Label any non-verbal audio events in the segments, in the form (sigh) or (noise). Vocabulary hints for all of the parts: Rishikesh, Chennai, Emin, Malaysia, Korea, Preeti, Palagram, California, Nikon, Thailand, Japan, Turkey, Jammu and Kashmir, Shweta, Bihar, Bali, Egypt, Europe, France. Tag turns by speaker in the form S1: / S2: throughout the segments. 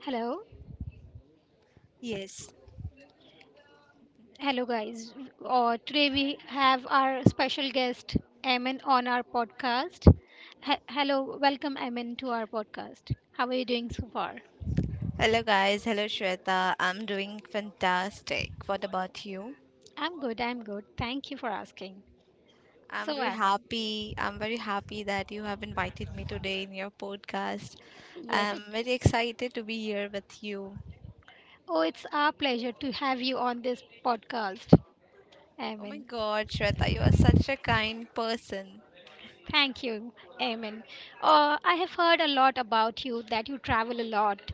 S1: Hello,
S2: Yes.
S1: hello, guys. Today we have our special guest Emin on our podcast. Hello, welcome Emin to our podcast. How are you doing so far?
S2: Hello, guys. Hello, Shweta. I'm doing fantastic. What about you?
S1: I'm good. I'm good. Thank you for asking.
S2: I'm
S1: So
S2: very
S1: Emin,
S2: happy. I'm very happy that you have invited me today in your podcast.
S1: yes, it.
S2: I'm very excited to be here with you.
S1: Oh, it's our pleasure to have you on this podcast,
S2: Oh my
S1: Emin.
S2: God, Shweta, you are such a kind person.
S1: Thank you, Amen. I have heard a lot about you that you travel a lot.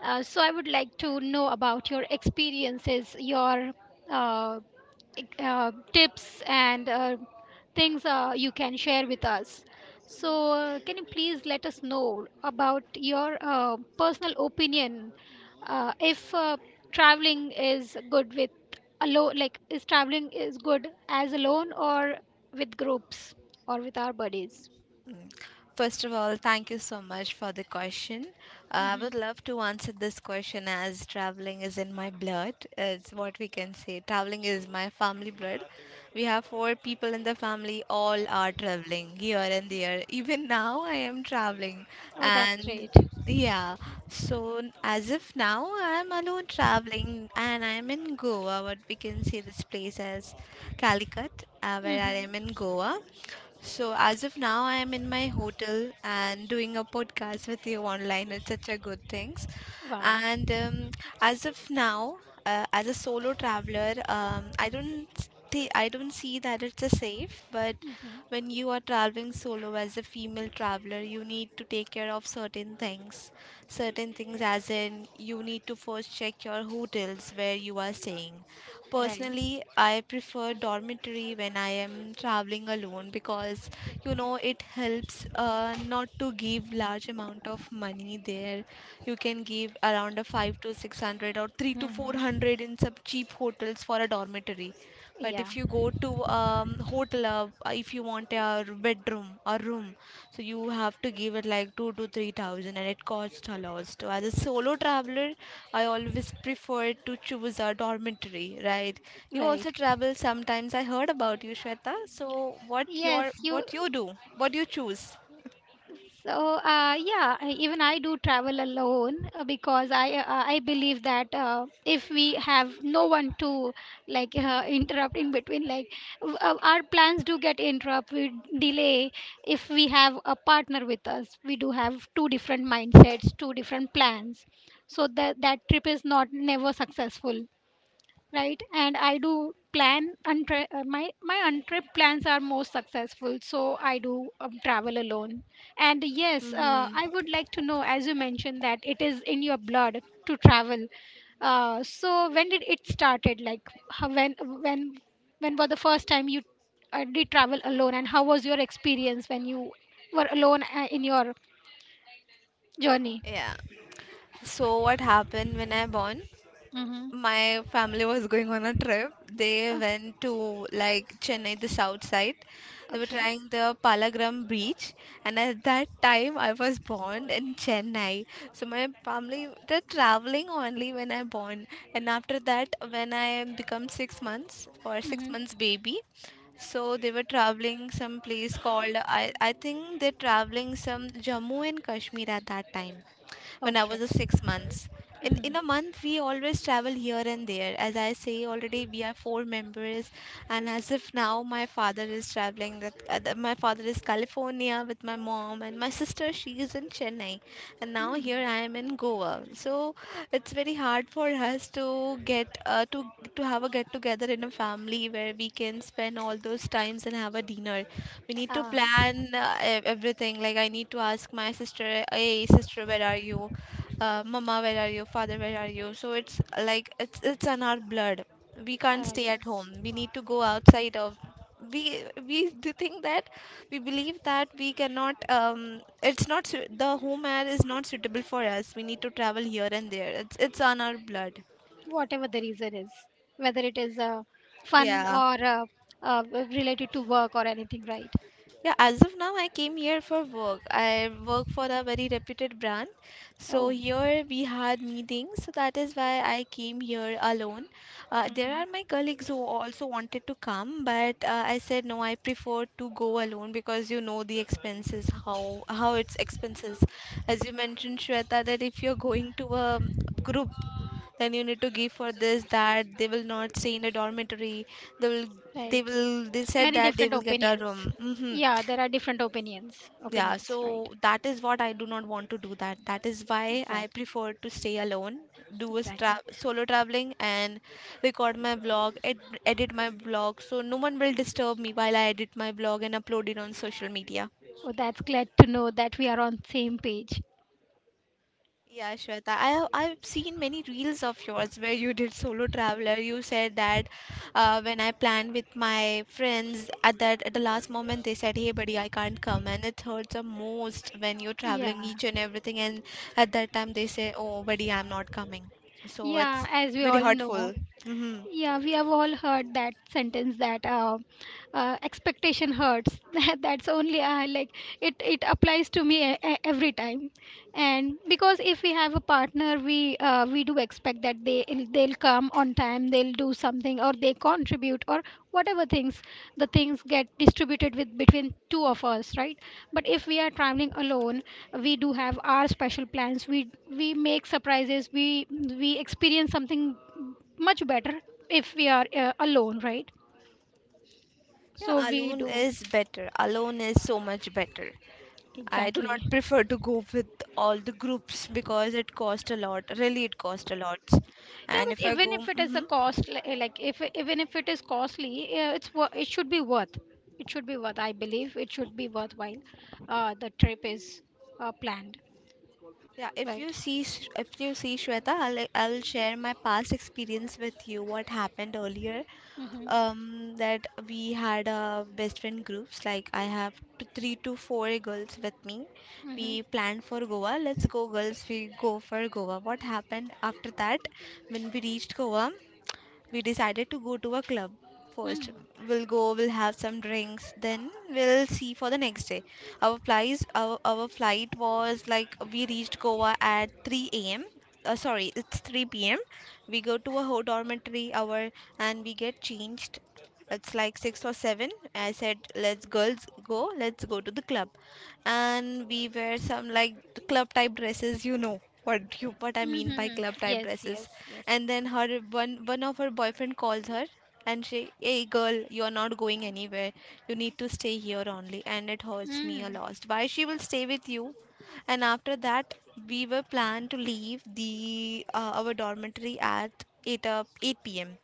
S1: So I would like to know about your experiences, your uh, like, tips and things you can share with us. So, can you please let us know about your personal opinion if traveling is good with alone, like is traveling is good as alone or with groups or with our buddies?
S2: First of all, thank you so much for the question. I would love to answer this question as traveling is in my blood. It's what we can say. Traveling is my family blood. We have four people in the family, all are traveling here and there. Even now, I am traveling.
S1: Oh, that's
S2: And
S1: great.
S2: yeah, so as of now, I'm alone traveling and I'm in Goa. What we can say this place as Calicut, where I
S1: Hmm.
S2: am in Goa. So, as of now, I am in my hotel and doing a podcast with you online. It's such a good thing.
S1: Wow.
S2: And As of now, as a solo traveler, I don't see that it's a safe. But when you are traveling solo as a female traveler, you need to take care of certain things. Certain things, as in you need to first check your hotels where you are staying.
S1: Right.
S2: Personally, I prefer dormitory when I am traveling alone because you know it helps not to give large amount of money there. You can give around a 5 to 600 or 3 to
S1: Hmm.
S2: 400 in some cheap hotels for a dormitory. But
S1: Yeah.
S2: if you go to hotel, if you want a bedroom or room, so you have to give it like 2 to 3,000 and it costs a lot. So as a solo traveler, I always prefer to choose a dormitory, right? You also
S1: Right.
S2: travel sometimes. I heard about you, Shweta. So what
S1: Yes,
S2: your,
S1: you.
S2: what you do, what you choose?
S1: So yeah, even I do travel alone because I believe that if we have no one to like interrupt in between, like, our plans do get interrupt, we delay. If we have a partner with us, we do have two different mindsets, two different plans, so that trip is not never successful, right. And I do plan untre- my untrip plans are most successful, so I do travel alone. And yes,
S2: Mm-hmm.
S1: I would like to know, as you mentioned that it is in your blood to travel, so when did it started, like, how, when when was the first time you did travel alone, and how was your experience when you were alone in your journey?
S2: Yeah. So what happened when I born? My family was going on a trip. They
S1: Uh,
S2: went to like Chennai, the south side. They were
S1: okay.
S2: trying the Palagram beach, and at that time I was born in Chennai. So my family, they're traveling only when I born, and after that when I become 6 months, for six
S1: Hmm.
S2: months baby. So they were traveling some place called, I think they're traveling some Jammu and Kashmir at that time when I
S1: Okay.
S2: was a 6 months. In a month, we always travel here and there. As I say, already we are four members, and as if now my father is traveling. That my father is California with my mom, and my sister, she is in Chennai, and now
S1: Mm.
S2: here I am in Goa. So it's very hard for us to get to have a get together in a family where we can spend all those times and have a dinner. We need to
S1: Um,
S2: plan everything, like I need to ask my sister, hey, sister, where are you, mama, where are you, father, where are you? So it's like, it's in our blood. We can't stay at home.
S1: yes.
S2: We need to go outside of. We (laughs) do think that, we believe that we cannot. It's not su- The home air is not suitable for us. We need to travel here and there. It's on our blood.
S1: Whatever the reason is, whether it is fun
S2: Yeah.
S1: or uh, related to work or anything, right?
S2: Yeah, as of now, I came here for work. I work for a very reputed brand. So
S1: Oh.
S2: here we had meetings. So that is why I came here alone. There are
S1: Hmm.
S2: my colleagues who also wanted to come, but I said no, I prefer to go alone because you know the expenses, how it's expenses. As you mentioned, Shweta, that if you're going to a group, then you need to give for this, that they will not stay in a dormitory. They will they
S1: Right.
S2: will they said
S1: Many
S2: that they
S1: different
S2: will get a
S1: opinions.
S2: room. Hmm.
S1: Yeah, there are different opinions.
S2: Yeah,
S1: Opinions,
S2: so
S1: right?
S2: that is what I do not want to do that. That is why I
S1: Exactly,
S2: prefer to stay alone, do a
S1: exactly.
S2: solo traveling, and record my vlog, edit my vlog so no one will disturb me while I edit my vlog and upload it on social media.
S1: Oh, that's glad to know that we are on same page.
S2: Yeah, Shweta, I've seen many reels of yours where you did solo traveler. You said that when I planned with my friends, at the last moment they said, "Hey, buddy, I can't come," and it hurts the most when you're
S1: Yeah,
S2: traveling each and everything. And at that time they say, "Oh, buddy, I'm not coming." So
S1: yeah.
S2: it's
S1: As we
S2: very
S1: all know.
S2: hurtful. Hmm.
S1: Yeah, we have all heard that sentence that expectation hurts. (laughs) That's only like it applies to me every time, and because if we have a partner, we do expect that they'll come on time, they'll do something, or they contribute, or whatever things the things get distributed with between two of us, right? But if we are traveling alone, we do have our special plans. We make surprises. We experience something much better if we are alone, right. So
S2: Yeah,
S1: we
S2: alone
S1: do.
S2: is better. Alone is so much better. I do
S1: Exactly.
S2: not prefer to go with all the groups because it cost a lot. Really, it cost a lot.
S1: Yeah,
S2: And
S1: but
S2: if I
S1: even
S2: go,
S1: if it is
S2: hmm.
S1: like, if even if it is costly, it should be worth, it should be worth, I believe it should be worthwhile, the trip is planned.
S2: Yeah,
S1: Right.
S2: if you see Shweta, I'll share my past experience with you. What happened earlier?
S1: Mm-hmm.
S2: That we had a best friend groups. Like I have three to four girls with me.
S1: Mm-hmm.
S2: We planned for Goa. Let's go, girls. We go for Goa. What happened after that? When we reached Goa, we decided to go to a club first.
S1: Mm-hmm.
S2: We'll go, we'll have some drinks, then we'll see for the next day. Our flight was like we reached Goa at 3 a.m, sorry, it's 3 p.m. We go to a whole dormitory hour and we get changed. It's like 6 or 7. I said, let's, girls, go. Let's go to the club. And we wear some like club type dresses. You know, what I mean by
S1: Mm-hmm.
S2: club type
S1: Yes, yes,
S2: dresses?
S1: yes.
S2: And then her one of her boyfriend calls her, and she, "Hey, girl, you're not going anywhere. You need to stay here only," and it hurts me a
S1: Mm-hmm.
S2: lot, why she will stay with you. And after that, we were planned to leave the our dormitory at 8 up 8 p.m.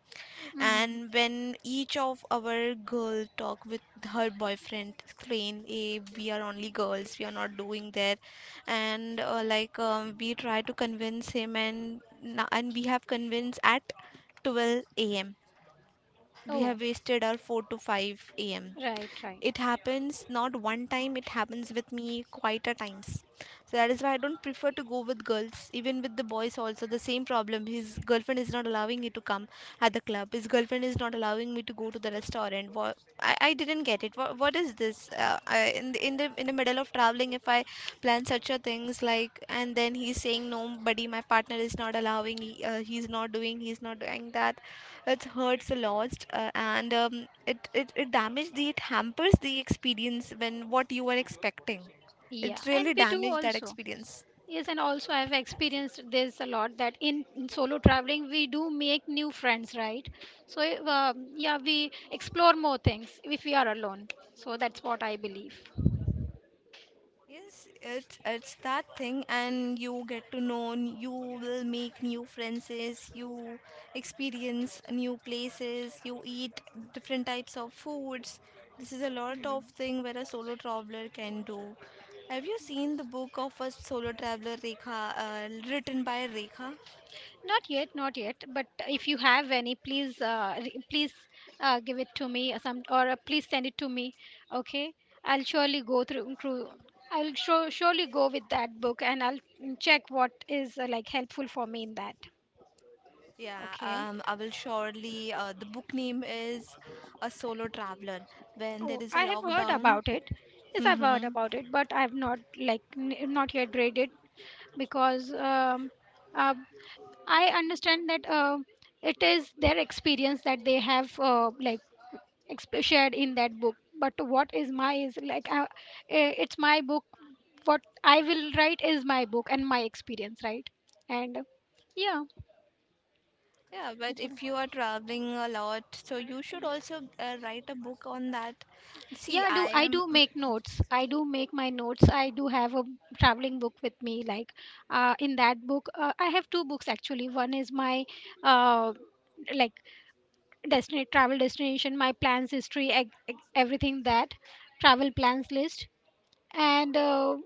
S1: Mm-hmm.
S2: And when each of our girl talk with her boyfriend, explain, hey, we are only girls, we are not doing that. And like we try to convince him, and we have convinced at 12 a.m. We
S1: Oh.
S2: have wasted our 4 to 5 a.m.
S1: Right, right.
S2: It happens not one time, it happens with me quite a times. So that is why I don't prefer to go with girls. Even with the boys also, the same problem, his girlfriend is not allowing me to come at the club, his girlfriend is not allowing me to go to the restaurant. I didn't get it. What is this? In the middle of traveling, if I plan such a things, like, and then he's saying, nobody, my partner is not allowing, he's not doing that. It hurts a lot, and it damages. The It hampers the experience when what you are expecting.
S1: Yeah,
S2: It
S1: and
S2: really
S1: we do
S2: damages that
S1: also.
S2: experience.
S1: Yes, and also I've experienced this a lot that in solo traveling we do make new friends, right? So, yeah, we explore more things if we are alone. So that's what I believe.
S2: Yes, it's that thing, and you get to know, you will make new friends, you experience new places, you eat different types of foods. This is a lot of thing where a solo traveler can do. Have you seen the book of a solo traveler Rekha, written by Rekha?
S1: Not yet, not yet. But if you have any, please, please give it to me, or some or please send it to me. Okay, I'll surely go through. I'll surely go with that book, and I'll check what is like helpful for me in that.
S2: Yeah,
S1: Okay.
S2: I will surely. The book name is A Solo Traveler. When there
S1: Oh,
S2: is a
S1: I have heard
S2: lockdown.
S1: about it. Yes, I've heard
S2: Hmm.
S1: about it, but I have not like not yet read it because uh, I understand that it is their experience that they have like shared in that book. But what is my is like, it's my book. What I will write is my book and my experience, right? And yeah,
S2: Yeah, but
S1: that's what.
S2: if you are traveling a lot, so you should also write a book on that.
S1: Yeah,
S2: See,
S1: I do
S2: I
S1: I
S2: am
S1: do make notes. I do make my notes. I do have a traveling book with me. Like, in that book, I have two books actually. One is my uh, like destination travel destination, my plans history, everything that travel plans list, and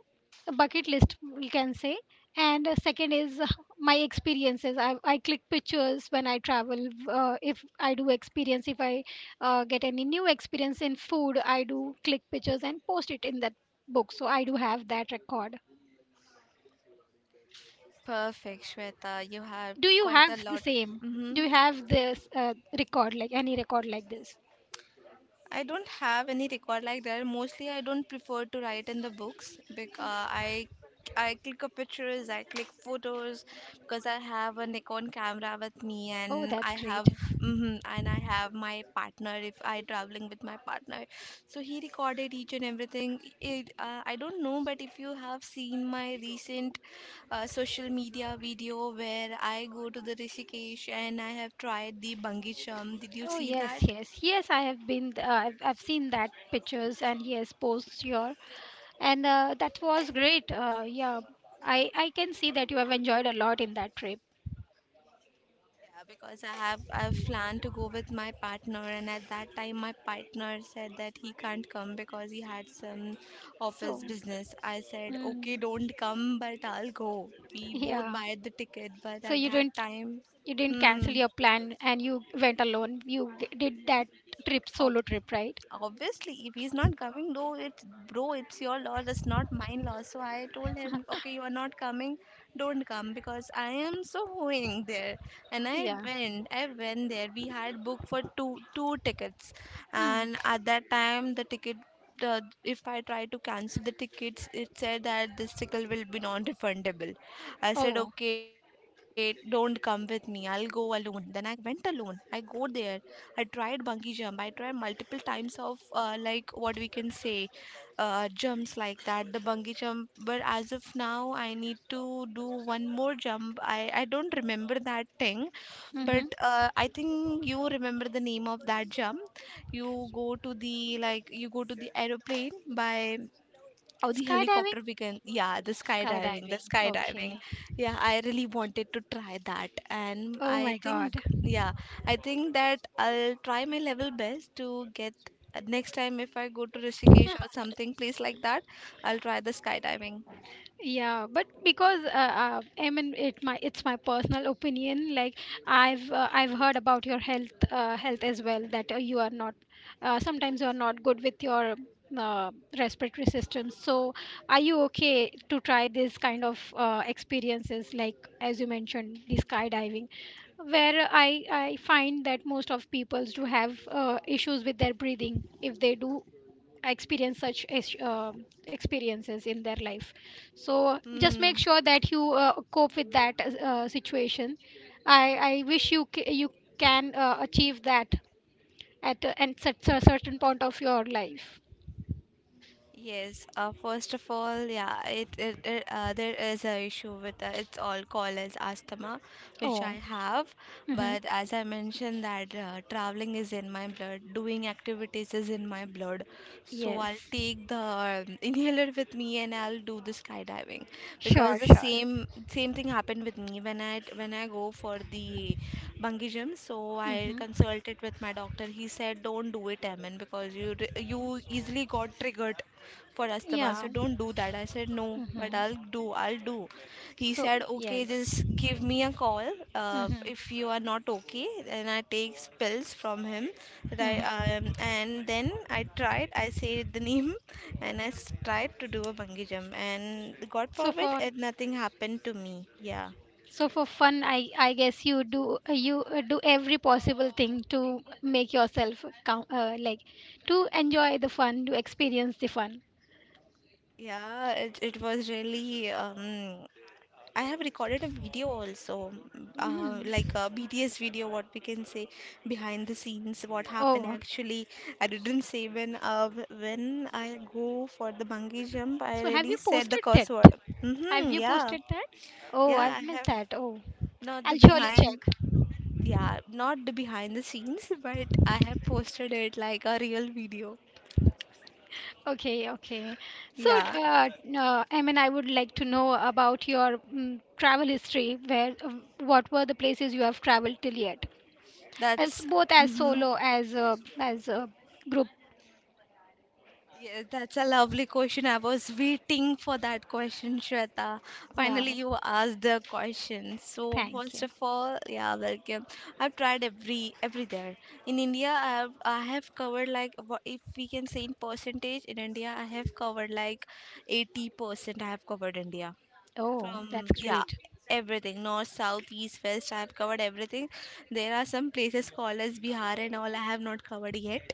S1: a bucket list we can say, and second is my experiences. I click pictures when I travel. If I do experience, if I get any new experience in food, I do click pictures and post it in that book. So I do have that record.
S2: perfect, Shweta. You have
S1: Do you
S2: quite
S1: have
S2: a
S1: the
S2: lot.
S1: same? Do
S2: Mm-hmm.
S1: you have this record, like any record like this?
S2: I don't have any record like that. Mostly, I don't prefer to write in the books because I I click a pictures, I click photos because I have a Nikon camera with me,
S1: Oh,
S2: and
S1: that's
S2: I
S1: great.
S2: have my partner if I traveling with my partner, so he recorded each and everything. I don't know, but if you have seen my recent social media video where I go to the Rishikesh and I have tried the bungee jump, did you
S1: Oh,
S2: see
S1: yes,
S2: that?
S1: yes, yes, I have been I've seen that pictures and yes posts your, and that was great, yeah. I can see that you have enjoyed a lot in that trip.
S2: Yeah, because I've planned to go with my partner, and at that time my partner said that he can't come because he had some office
S1: So
S2: business. I said, okay,
S1: mm,
S2: don't come, but I'll go. We both
S1: yeah,
S2: buy the ticket, but
S1: so
S2: at
S1: you
S2: that
S1: didn't
S2: time,
S1: you didn't cancel
S2: hmm,
S1: your plan and you went alone, you did that trip,
S2: o-
S1: solo trip, right?
S2: obviously, if he's not coming, though, it's bro, it's your loss, it's not mine loss. So I told him, okay, you are not coming, don't come, because I am so going there. And i
S1: Yeah.
S2: went i went there. We had booked for two tickets.
S1: Mm.
S2: And at that time, if I try to cancel the tickets, it said that this ticket will be non-refundable. I said,
S1: Oh.
S2: okay, don't come with me. I'll go alone. Then I went alone. I go there. I tried bungee jump. I tried multiple times of like what we can say jumps like that, the bungee jump. But as of now, I need to do one more jump. I don't remember that thing, but
S1: Mm-hmm.
S2: I think you remember the name of that jump. You go to the like you go to the aeroplane by. Oh, the
S1: Skydiving,
S2: helicopter we can, yeah, the skydiving, the
S1: skydiving.
S2: skydiving.
S1: Okay.
S2: Yeah, I really wanted to try that. And
S1: Oh
S2: I
S1: my god.
S2: think, yeah, I think that I'll try my level best to get next time if I go to Rishikesh or
S1: (laughs)
S2: something place like that, I'll try the skydiving.
S1: Yeah, but because I mean it's my personal opinion. Like, I've heard about your health as well, that you are not sometimes you are not good with your uh, respiratory system. So, are you okay to try this kind of experiences, like as you mentioned the skydiving, where I find that most of peoples do have issues with their breathing if they do experience such experiences in their life, so just make
S2: Hmm.
S1: sure that you cope with that situation. I wish you you can achieve that at and such a certain point of your life.
S2: Yes, first of all, yeah, it there is a issue with it's all called as asthma, which I
S1: Oh.
S2: have.
S1: Mm-hmm.
S2: But as I mentioned that traveling is in my blood, doing activities is in my blood, so I'll
S1: Yes,
S2: take the (laughs) inhaler with me and I'll do the skydiving because
S1: sure,
S2: the
S1: sure.
S2: same thing happened with me when I go for the bungee jump. So I
S1: Mm-hmm.
S2: consulted with my doctor. He said don't do it, Amen, because you easily got triggered for asthma, so
S1: Yeah.
S2: don't do that. I said no, but
S1: Mm-hmm.
S2: I'll do. He
S1: So,
S2: said okay,
S1: yes.
S2: just give me a call, uh,
S1: Mm-hmm.
S2: if you are not okay. Then I take pills from him, that
S1: Mm-hmm.
S2: I and then I tried. I said the name (laughs) and I tried to do a bungee jump, and god
S1: So
S2: forbid,
S1: for.
S2: it nothing happened to me. Yeah,
S1: So, for fun, I guess you do every possible thing to make yourself count, like to enjoy the fun, to experience the fun.
S2: yeah, it was really I have recorded a video also, like
S1: Mm.
S2: a BTS video, what we can say, behind the scenes, what happened
S1: Oh,
S2: actually. I didn't say when I go for the bungee jump, I
S1: so have you
S2: really said the
S1: posted that?
S2: curse word.
S1: Have
S2: Mm-hmm,
S1: you
S2: yeah,
S1: posted that? Oh,
S2: yeah,
S1: I've
S2: I
S1: missed
S2: have
S1: that. Oh,
S2: not the
S1: I'll surely
S2: behind,
S1: check.
S2: yeah, not the behind the scenes, but I have posted it like a real video.
S1: Okay, okay. So,
S2: Yeah,
S1: I mean, I would like to know about your travel history. What were the places you have traveled till yet? As
S2: that's.
S1: both, as
S2: Mm-hmm.
S1: solo, as a group.
S2: Yeah, that's a lovely question. I was waiting for that question, Shweta. Finally,
S1: Wow.
S2: you asked the question. So,
S1: Thank
S2: first
S1: you.
S2: of all, yeah, welcome. I've tried every there. In India, I have covered like if we can say in percentage, in India, I have covered like 80%. I have covered India.
S1: Oh, that's
S2: From, yeah,
S1: great.
S2: everything north, south, east, west, I have covered everything. There are some places called as Bihar and all I have not covered yet,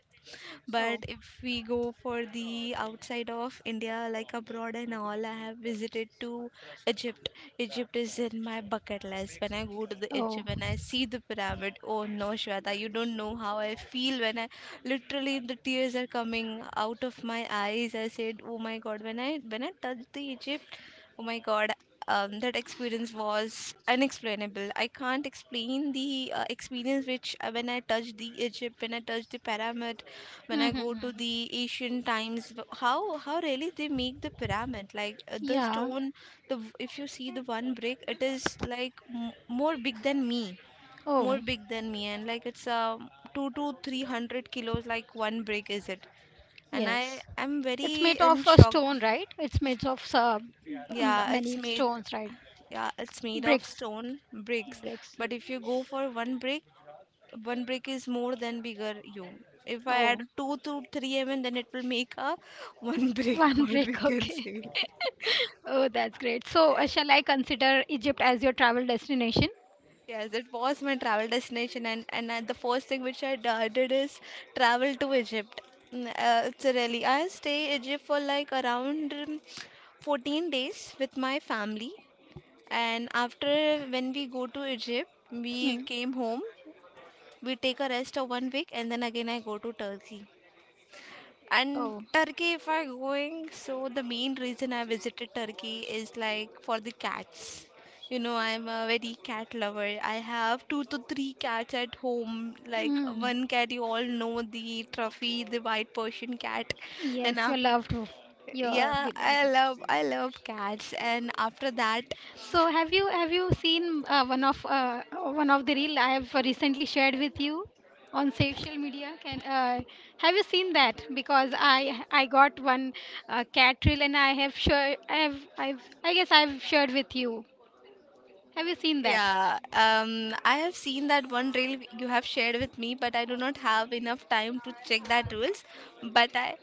S1: Oh.
S2: but if we go for the outside of India, like abroad and all, I have visited to Egypt. Egypt is in my bucket list. When I go to the
S1: Oh.
S2: Egypt, when I see the pyramid, oh no, Shweta, you don't know how I feel when I literally the tears are coming out of my eyes. I said, oh my God, when I touched the Egypt, oh my God, that experience was unexplainable. I can't explain the experience which when I touched the Egypt, when I touched the pyramid, when I go to
S1: Mm-hmm.
S2: the ancient times, how really they make the pyramid? Like the
S1: Yeah.
S2: stone, if you see the one brick, it is like m more big than me, more
S1: Oh.
S2: big than me, and like it's two to three hundred kilos, like one brick is it? And I
S1: Yes.
S2: I'm
S1: It's
S2: very
S1: made
S2: in
S1: of a
S2: shock.
S1: stone, right? It's made of
S2: Yeah, it's
S1: many
S2: made.
S1: stones, right?
S2: Yeah, it's made of
S1: Bricks.
S2: stone bricks.
S1: Bricks.
S2: But if you go for one brick is more than bigger you. If I add
S1: Oh,
S2: two to three then it will make a (laughs) one brick.
S1: one (laughs)
S2: What we
S1: brick.
S2: can
S1: Okay.
S2: say.
S1: Oh, that's great. So, shall I consider Egypt as your travel destination?
S2: Yes, it was my travel destination, and the first thing which I did is travel to Egypt. Mm, uh, it's a really I stay Egypt for like around 14 days with my family, and after when we go to Egypt, we
S1: Mm.
S2: came home. We take a rest of 1 week, and then again I go to Turkey. And
S1: Oh.
S2: Turkey, if I going, so the main reason I visited Turkey is like for the cats. You know I'm a very cat lover. I have two to three cats at home, like
S1: Mm.
S2: one cat you all know, the trophy, the white Persian cat. And
S1: Yes, your
S2: after,
S1: loved, one, your
S2: yeah, I
S1: beloved one.
S2: love I love cats, and after that.
S1: So, have you seen one of the reel I have recently shared with you on social media? Can Have you seen that? Because I got one cat reel and I guess I've shared with you. Have you seen that?
S2: Yeah, I have seen that one reel you have shared with me, but I do not have enough time to check that reels. But I,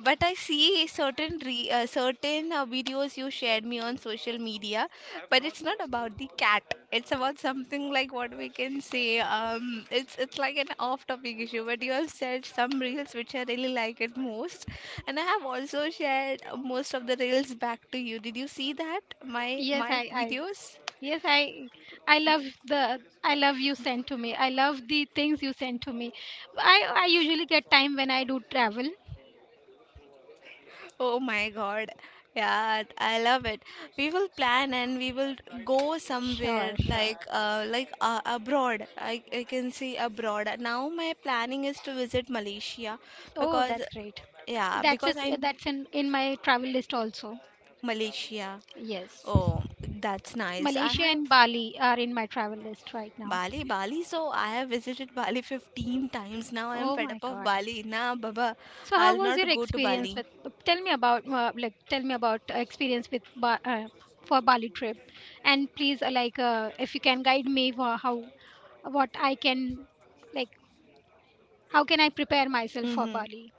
S2: but I see certain certain videos you shared me on social media. But it's not about the cat. It's about something like what we can say. It's like an off-topic issue. But you have shared some reels which I really like it most, and I have also shared most of the reels back to you. Did you see that my
S1: Yes,
S2: my
S1: I
S2: videos?
S1: yes, I love the I love you sent to me. I love the things you send to me. I usually get time when I do travel.
S2: Oh my God. Yeah, I love it. We will plan and we will go somewhere
S1: Sure, sure.
S2: like abroad. I can see abroad. Now my planning is to visit Malaysia
S1: Oh,
S2: because
S1: that's great.
S2: yeah,
S1: That's
S2: because
S1: it.
S2: I
S1: That's in my travel list also.
S2: Malaysia.
S1: Yes,
S2: Oh, that's nice. I
S1: Malaysia
S2: have
S1: and Bali are in my travel list right now.
S2: Bali, Bali, so I have visited Bali 15 times. Now I am
S1: Oh
S2: fed
S1: my
S2: up of
S1: God.
S2: Bali. Nah, Baba,
S1: So how
S2: I'll
S1: was
S2: not
S1: your
S2: go to
S1: experience
S2: Bali.
S1: with? Tell me about experience with for Bali trip, and please like if you can guide me for how what I can like how can I prepare myself for
S2: Mm-hmm.
S1: Bali?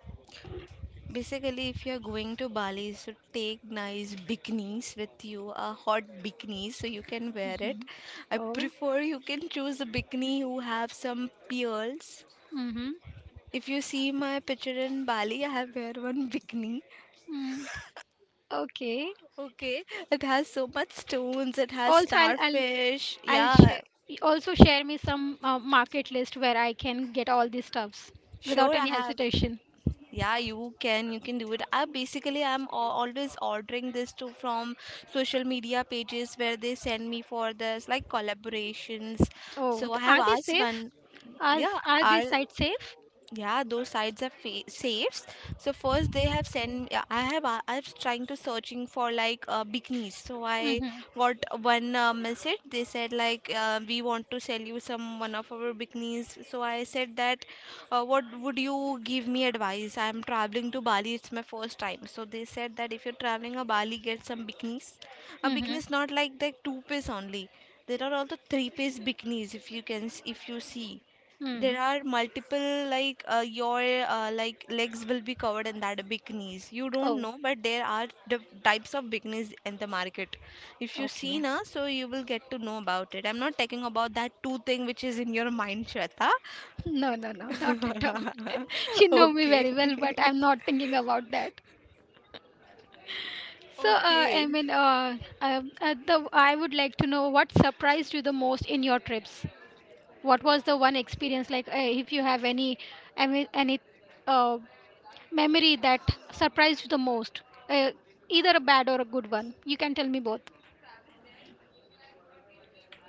S2: Basically, if you're going to Bali, so take nice bikinis with you, a hot bikini, so you can wear it. I
S1: Oh.
S2: prefer you can choose a bikini who have some pearls.
S1: Mm-hmm.
S2: If you see my picture in Bali, I have wear one bikini.
S1: Mm. Okay.
S2: Okay, it has so much stones. It has
S1: Also, i'll i'll
S2: starfish.
S1: i'll
S2: Yeah,
S1: share. Also share me some market list where I can get all these stuffs without
S2: sure, I
S1: any
S2: have.
S1: hesitation.
S2: Yeah, you can do it. I basically I'm always ordering this too from social media pages where they send me for this like collaborations.
S1: Oh,
S2: So I have
S1: are they
S2: asked
S1: safe?
S2: one.
S1: are,
S2: Yeah,
S1: are these
S2: are
S1: sites safe?
S2: yeah, those sites are safes. So first they have sent, yeah, I have I was trying to searching for like bikinis, so I
S1: Mm-hmm.
S2: got one message. They said like we want to sell you some one of our bikinis. So I said that what would you give me advice, I am traveling to Bali, it's my first time. So they said that if you're traveling to Bali, get some bikinis. A
S1: Mm-hmm.
S2: bikini is not like the two-piece only. There are also three-piece bikinis, if you can if you see, there
S1: Mm.
S2: are multiple like your like legs will be covered in that bikinis. You don't
S1: Oh.
S2: know, but there are the types of bikinis in the market. If you see
S1: Okay.
S2: na, so you will get to know about it. I'm not talking about that two thing which is in your mind, Shweta.
S1: (laughs) No, no, no, not at all. (laughs)
S2: (laughs)
S1: You know me
S2: Okay.
S1: very well, but I'm
S2: (laughs)
S1: not thinking about that. So, I
S2: Okay.
S1: mean, I would like to know what surprised you the most in your trips. What was the one experience, like, if you have any any any, uh, memory that surprised you the most, uh, either a bad or a good one, you can tell me both.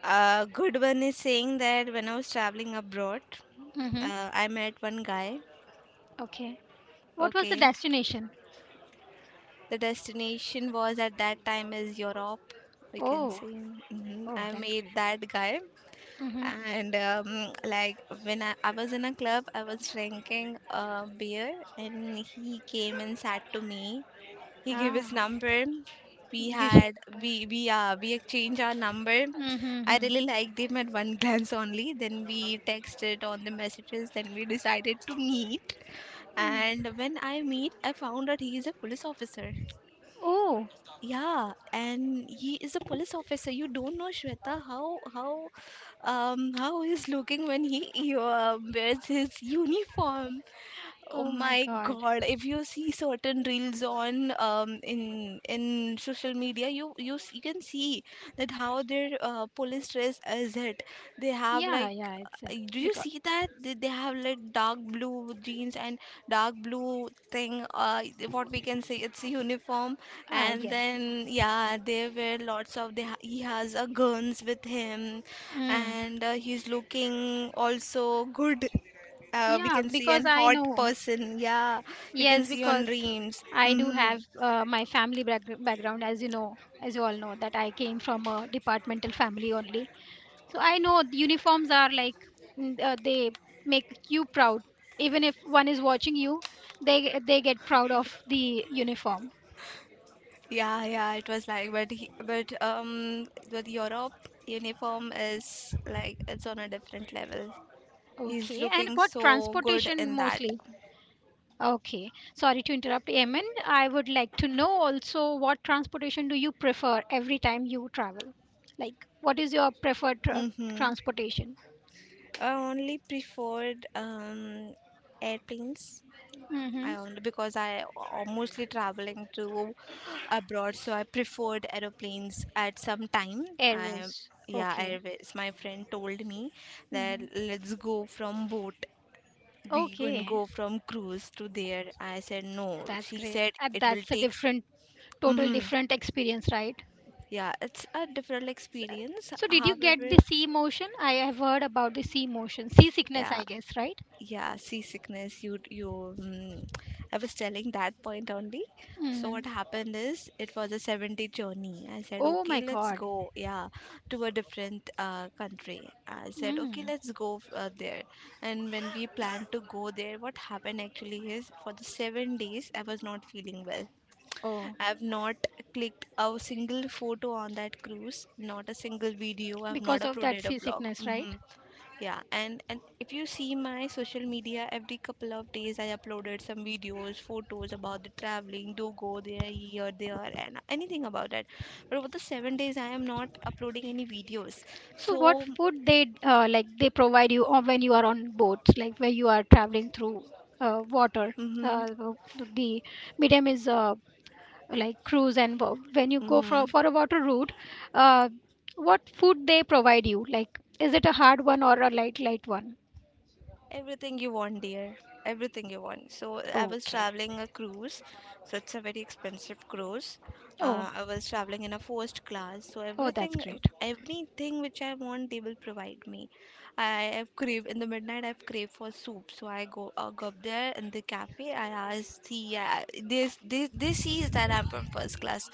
S2: A good one is saying that when I was traveling abroad,
S1: Mm-hmm.
S2: I met one guy.
S1: Okay, what was the
S2: Okay.
S1: destination?
S2: The destination was at that time is Europe. We can
S1: Oh.
S2: say, hmm,
S1: Oh,
S2: I
S1: that's
S2: made
S1: great.
S2: that guy,
S1: Mm-hmm.
S2: and like when I was in a club, I was drinking beer, and he came and sat to me. He gave
S1: Ah,
S2: his number. We
S1: you shared
S2: had
S1: the
S2: we exchanged our number.
S1: point.
S2: I
S1: Mm-hmm.
S2: really liked him at one (laughs) glance only. Then we texted on the messages. Then we decided to meet. And when I meet, I found out he is a police officer.
S1: Oh.
S2: Yeah, and he is a police officer. You don't know Shweta how he's looking when he wears his uniform. Oh
S1: Oh my
S2: my
S1: god.
S2: God! If you see certain reels on in social media, you you can see that how their police dress is it. They have
S1: Yeah,
S2: like
S1: yeah, it's
S2: do you
S1: because.
S2: see that they have like dark blue jeans and dark blue thing? What we can say, it's a uniform,
S1: Ah,
S2: and
S1: yes,
S2: then
S1: yes.
S2: yeah, they wear lots of. They ha he has guns with him,
S1: Mm.
S2: and he's looking also good. We
S1: Yeah,
S2: can see
S1: because
S2: an
S1: I
S2: hot
S1: know.
S2: person. Yeah, you can
S1: Yes,
S2: see on
S1: because
S2: dreams.
S1: I do
S2: Hmm.
S1: have my family background, as you know, as you all know, that I came from a departmental family only. So I know the uniforms are like, they make you proud. Even if one is watching you, they get proud of the uniform.
S2: Yeah, yeah, it was like, but with Europe uniform is like it's on a different level. He's
S1: Okay, and
S2: looking
S1: what
S2: so good
S1: transportation
S2: in that.
S1: mostly? Okay, sorry to interrupt, Eamon. I would like to know also what transportation do you prefer every time you travel? Like, what is your preferred
S2: Mm-hmm.
S1: transportation?
S2: I only preferred airplanes.
S1: Mm-hmm.
S2: I only because I mostly traveling to abroad, so I preferred aeroplanes at some time. I,
S1: Airways.
S2: yeah,
S1: Okay.
S2: airways. My friend told me that
S1: Mm-hmm.
S2: let's go from boat. We can
S1: Okay,
S2: go from cruise to there. I said no.
S1: that's
S2: She
S1: great.
S2: said
S1: And
S2: it will
S1: that's a
S2: take.
S1: different, total
S2: Mm-hmm.
S1: different experience, right?
S2: Yeah, it's a different
S1: So,
S2: experience.
S1: so did you get the
S2: However,
S1: sea motion? I have heard about the sea motion, seasickness,
S2: yeah,
S1: I guess, right?
S2: yeah, seasickness. You, you. Mm, I was telling that point only. So
S1: Mm-hmm.
S2: what happened is, it was a seven-day journey. I said,
S1: Oh
S2: okay,
S1: my
S2: let's
S1: God.
S2: go. Yeah, to a different country. I said, okay,
S1: Mm.
S2: let's go there. And when we planned to go there, what happened actually is, for the 7 days, I was not feeling well.
S1: Oh,
S2: I've not clicked a single photo on that cruise, not a single video. I've not
S1: because of that
S2: uploaded a blog.
S1: seasickness, right?
S2: Yeah, and if you see my social media, every couple of days I uploaded some videos, photos about the traveling, do go there, here, there, and anything about that. But over the seven days, I am not uploading any videos.
S1: So what
S2: So,
S1: food they like they provide you or when you are on boats, like where you are traveling through water.
S2: mm-hmm,
S1: The the medium is like cruise, and when you go
S2: mm-hmm.
S1: for a water route, uh, what food they provide you? Like, is it a hard one or a light one?
S2: Everything you want, dear. Everything you want. So I was
S1: Okay.
S2: traveling a cruise, so it's a very expensive cruise.
S1: Oh,
S2: I was traveling in a first class, so
S1: oh, that's
S2: everything,
S1: great.
S2: everything which I want, they will provide me. I have crave in the midnight. I've crave for soup, so I go up there in the cafe. I ask the this, they sees that I'm from first class.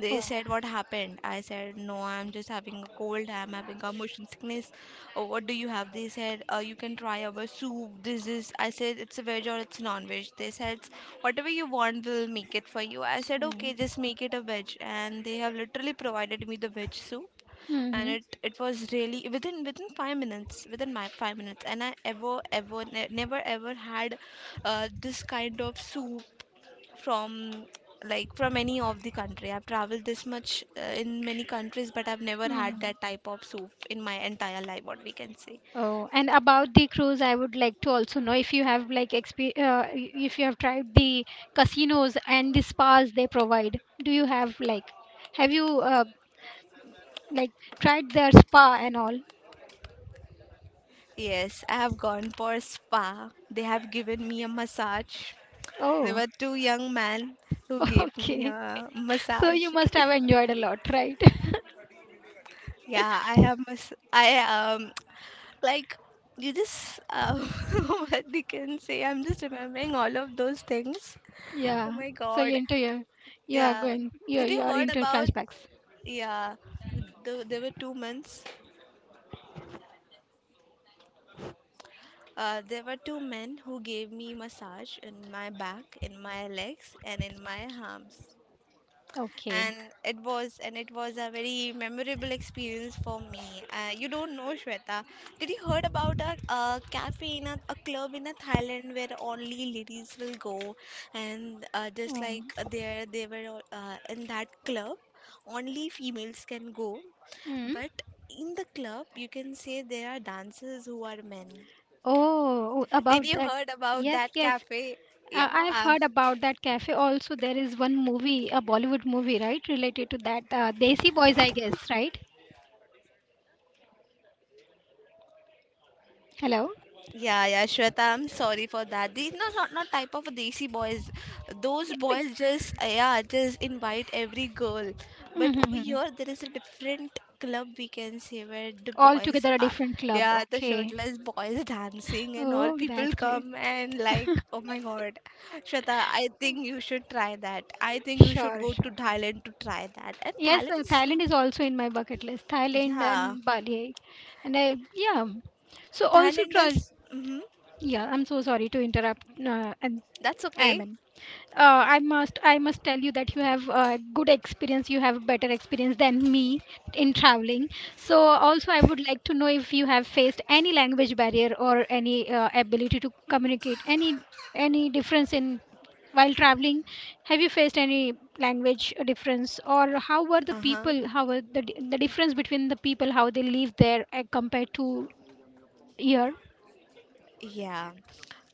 S2: They
S1: Oh,
S2: said what happened. I said no, I'm just having a cold. I'm having a motion sickness. Oh, what do you have? They said, you can try our soup. This is, I said, it's a veg or it's non veg. They said, whatever you want, we'll make it for you. I said,
S1: so.
S2: okay, just make it a veg. And they have literally provided me the veg soup. And
S1: Mm-hmm.
S2: it was really within five minutes, within my five minutes. And I ever, ever, never ever had this kind of soup from, like, from any of the country I've traveled. This much in many countries, but I've never had
S1: Mm-hmm.
S2: that type of soup in my entire life, what we can say.
S1: Oh, and about the cruise, I would like to also know if you have like if you have tried the casinos and the spas they provide. Do you have like have you like tried their spa and all?
S2: Yes, I have gone for spa. They have given me a massage. There
S1: Oh,
S2: were two young men who
S1: (laughs)
S2: gave me
S1: okay.
S2: a
S1: So you
S2: massage.
S1: must have
S2: (laughs)
S1: enjoyed a lot, right? (laughs)
S2: Yeah, I have mas I (tsk) like, you just (laughs) what they can say. I'm just remembering all of those things. Oh
S1: Yeah.
S2: my
S1: So
S2: God.
S1: you are
S2: Yeah.
S1: going you
S2: Did you
S1: you are
S2: heard
S1: into
S2: about
S1: flashbacks.
S2: yeah, the, there were two men. There were two men who gave me massage in my back, in my legs, and in my
S1: Sparky.
S2: arms.
S1: Okay.
S2: And it was, and it was a very memorable experience for me. You don't know, Shweta, did you heard about a cafe in a club in a Thailand where only ladies will go, and just
S1: Um,
S2: like there, they were all, in that club only females can go,
S1: hmm.
S2: but in the club, you can say there are dancers who are men.
S1: Oh. Mm. Oh,
S2: Did
S1: about
S2: you
S1: that.
S2: heard about
S1: Yes,
S2: that
S1: yes.
S2: cafe?
S1: I've
S2: Yeah.
S1: heard about that cafe. Also, there is one movie, a Bollywood movie, right, related to that. Desi Boys, I guess, right? Hello.
S2: Yeah, yeah, Shweta, I'm sorry for that. These no, not type of desi boys. Those
S1: Yeah, like,
S2: boys just yeah, just invite every girl. But over
S1: mm-hmm.
S2: here, there is a different club, we can say, where the
S1: All
S2: boys
S1: together a
S2: are,
S1: different club.
S2: yeah, the
S1: Okay.
S2: shirtless boys (laughs) dancing, and all
S1: Oh,
S2: people
S1: that's great.
S2: come and like, oh my god, Shweta, I think you should try that. I think you should
S1: Sure,
S2: go to
S1: sure.
S2: Thailand to try that. And
S1: Yes,
S2: Thailand is,
S1: Thailand is also in my bucket list. Thailand
S2: yeah,
S1: and Bali, and I yeah. So also
S2: Thailand
S1: try.
S2: is, mm-hmm,
S1: Yeah, I'm so sorry to interrupt. And
S2: that's
S1: I am
S2: okay.
S1: I must tell you that you have a good experience. You have a better experience than me in traveling. So also, I would like to know if you have faced any language barrier or any ability to communicate any difference in while traveling. Have you faced any language difference or how were the
S2: Uh huh.
S1: people? How were the the difference between the people how they live there compared to here?
S2: Yeah.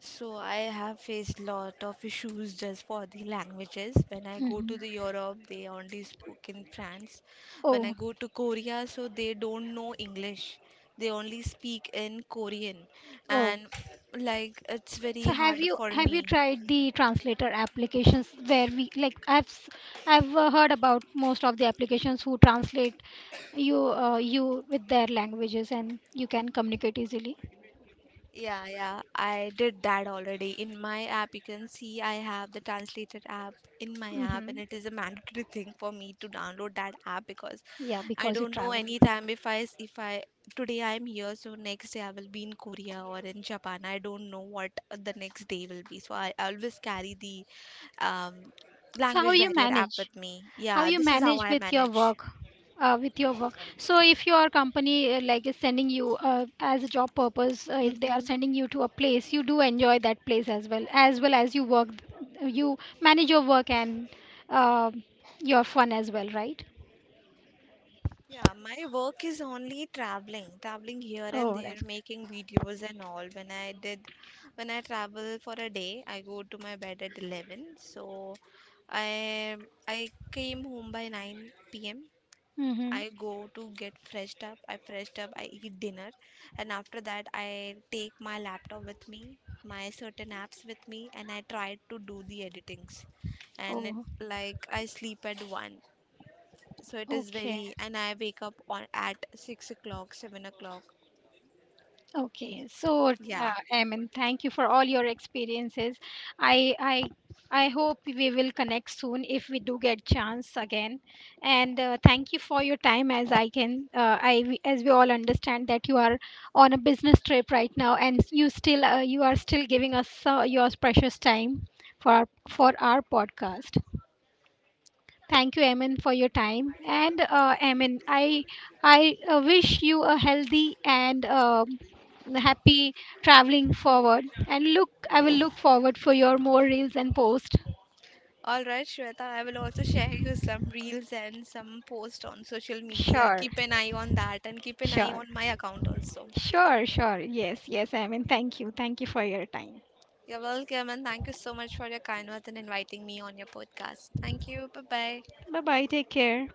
S2: So I have faced lot of issues just for the languages. When I go to
S1: Hmm.
S2: the Europe, they only spoke in France. When I
S1: Oh,
S2: go to Korea, so they don't know English. They only speak in Korean,
S1: oh.
S2: and like, it's
S1: So
S2: very hard for
S1: have you
S2: me.
S1: tried the translator applications where we like I've heard about most of the applications who translate you you with their languages and you can communicate easily.
S2: Yeah, yeah, I did that already. In my app, you can see I have the translated app in my app,
S1: Hmm.
S2: and it is a mandatory thing for me to download that app because
S1: Yeah,
S2: I
S1: because you
S2: don't know
S1: travel a
S2: any
S1: lot.
S2: time if I, today I'm here, so next day I will be in Korea or in Japan. I don't know what the next day will be, so I always carry the um,
S1: So how
S2: language
S1: you
S2: barrier app
S1: manage?
S2: with me.
S1: How
S2: Yeah,
S1: you
S2: this is how
S1: manage
S2: I
S1: with your
S2: manage.
S1: work with your work? So if your company like is sending you as a job purpose, if they are
S2: Mm-hmm.
S1: sending you to a place, you do enjoy that place as well as well as you work, you manage your work and uh, your fun as well, right?
S2: Yeah, my work is only traveling, traveling here and
S1: Oh, that's
S2: there,
S1: good.
S2: making videos and all. When I travel for a day, I go to my bed at 11. So I I came home by 9 p.m.
S1: Mm-hmm.
S2: I go to get freshed up. I freshed up, I eat dinner, and after that I take my laptop with me, my certain apps with me, and I try to do the editings. And it,
S1: Oh,
S2: like I sleep at 1, so it is
S1: okay.
S2: very, and I wake up on at 6 o'clock, 7 o'clock.
S1: Okay, so
S2: Yeah.
S1: I mean, thank you for all your experiences. I I hope we will connect soon if we do get chance again. And thank you for your time. As I can, I as we all understand that you are on a business trip right now, and you still you are still giving us your precious time for for our podcast. Thank you, Emin, for your time. And Emin, I wish you a healthy and happy traveling forward. And look, I will look forward for your more reels and posts.
S2: All right, Shweta. I will also (laughs) share you some reels and some posts on social media.
S1: Sure,
S2: Keep an eye on that and keep an eye
S1: sure,
S2: on my account also.
S1: sure, sure. Yes, yes, Emin. Thank you for your time.
S2: You're welcome, and thank you so much for your kind words and inviting me on your podcast. Thank you. Bye bye.
S1: Bye bye. Take care.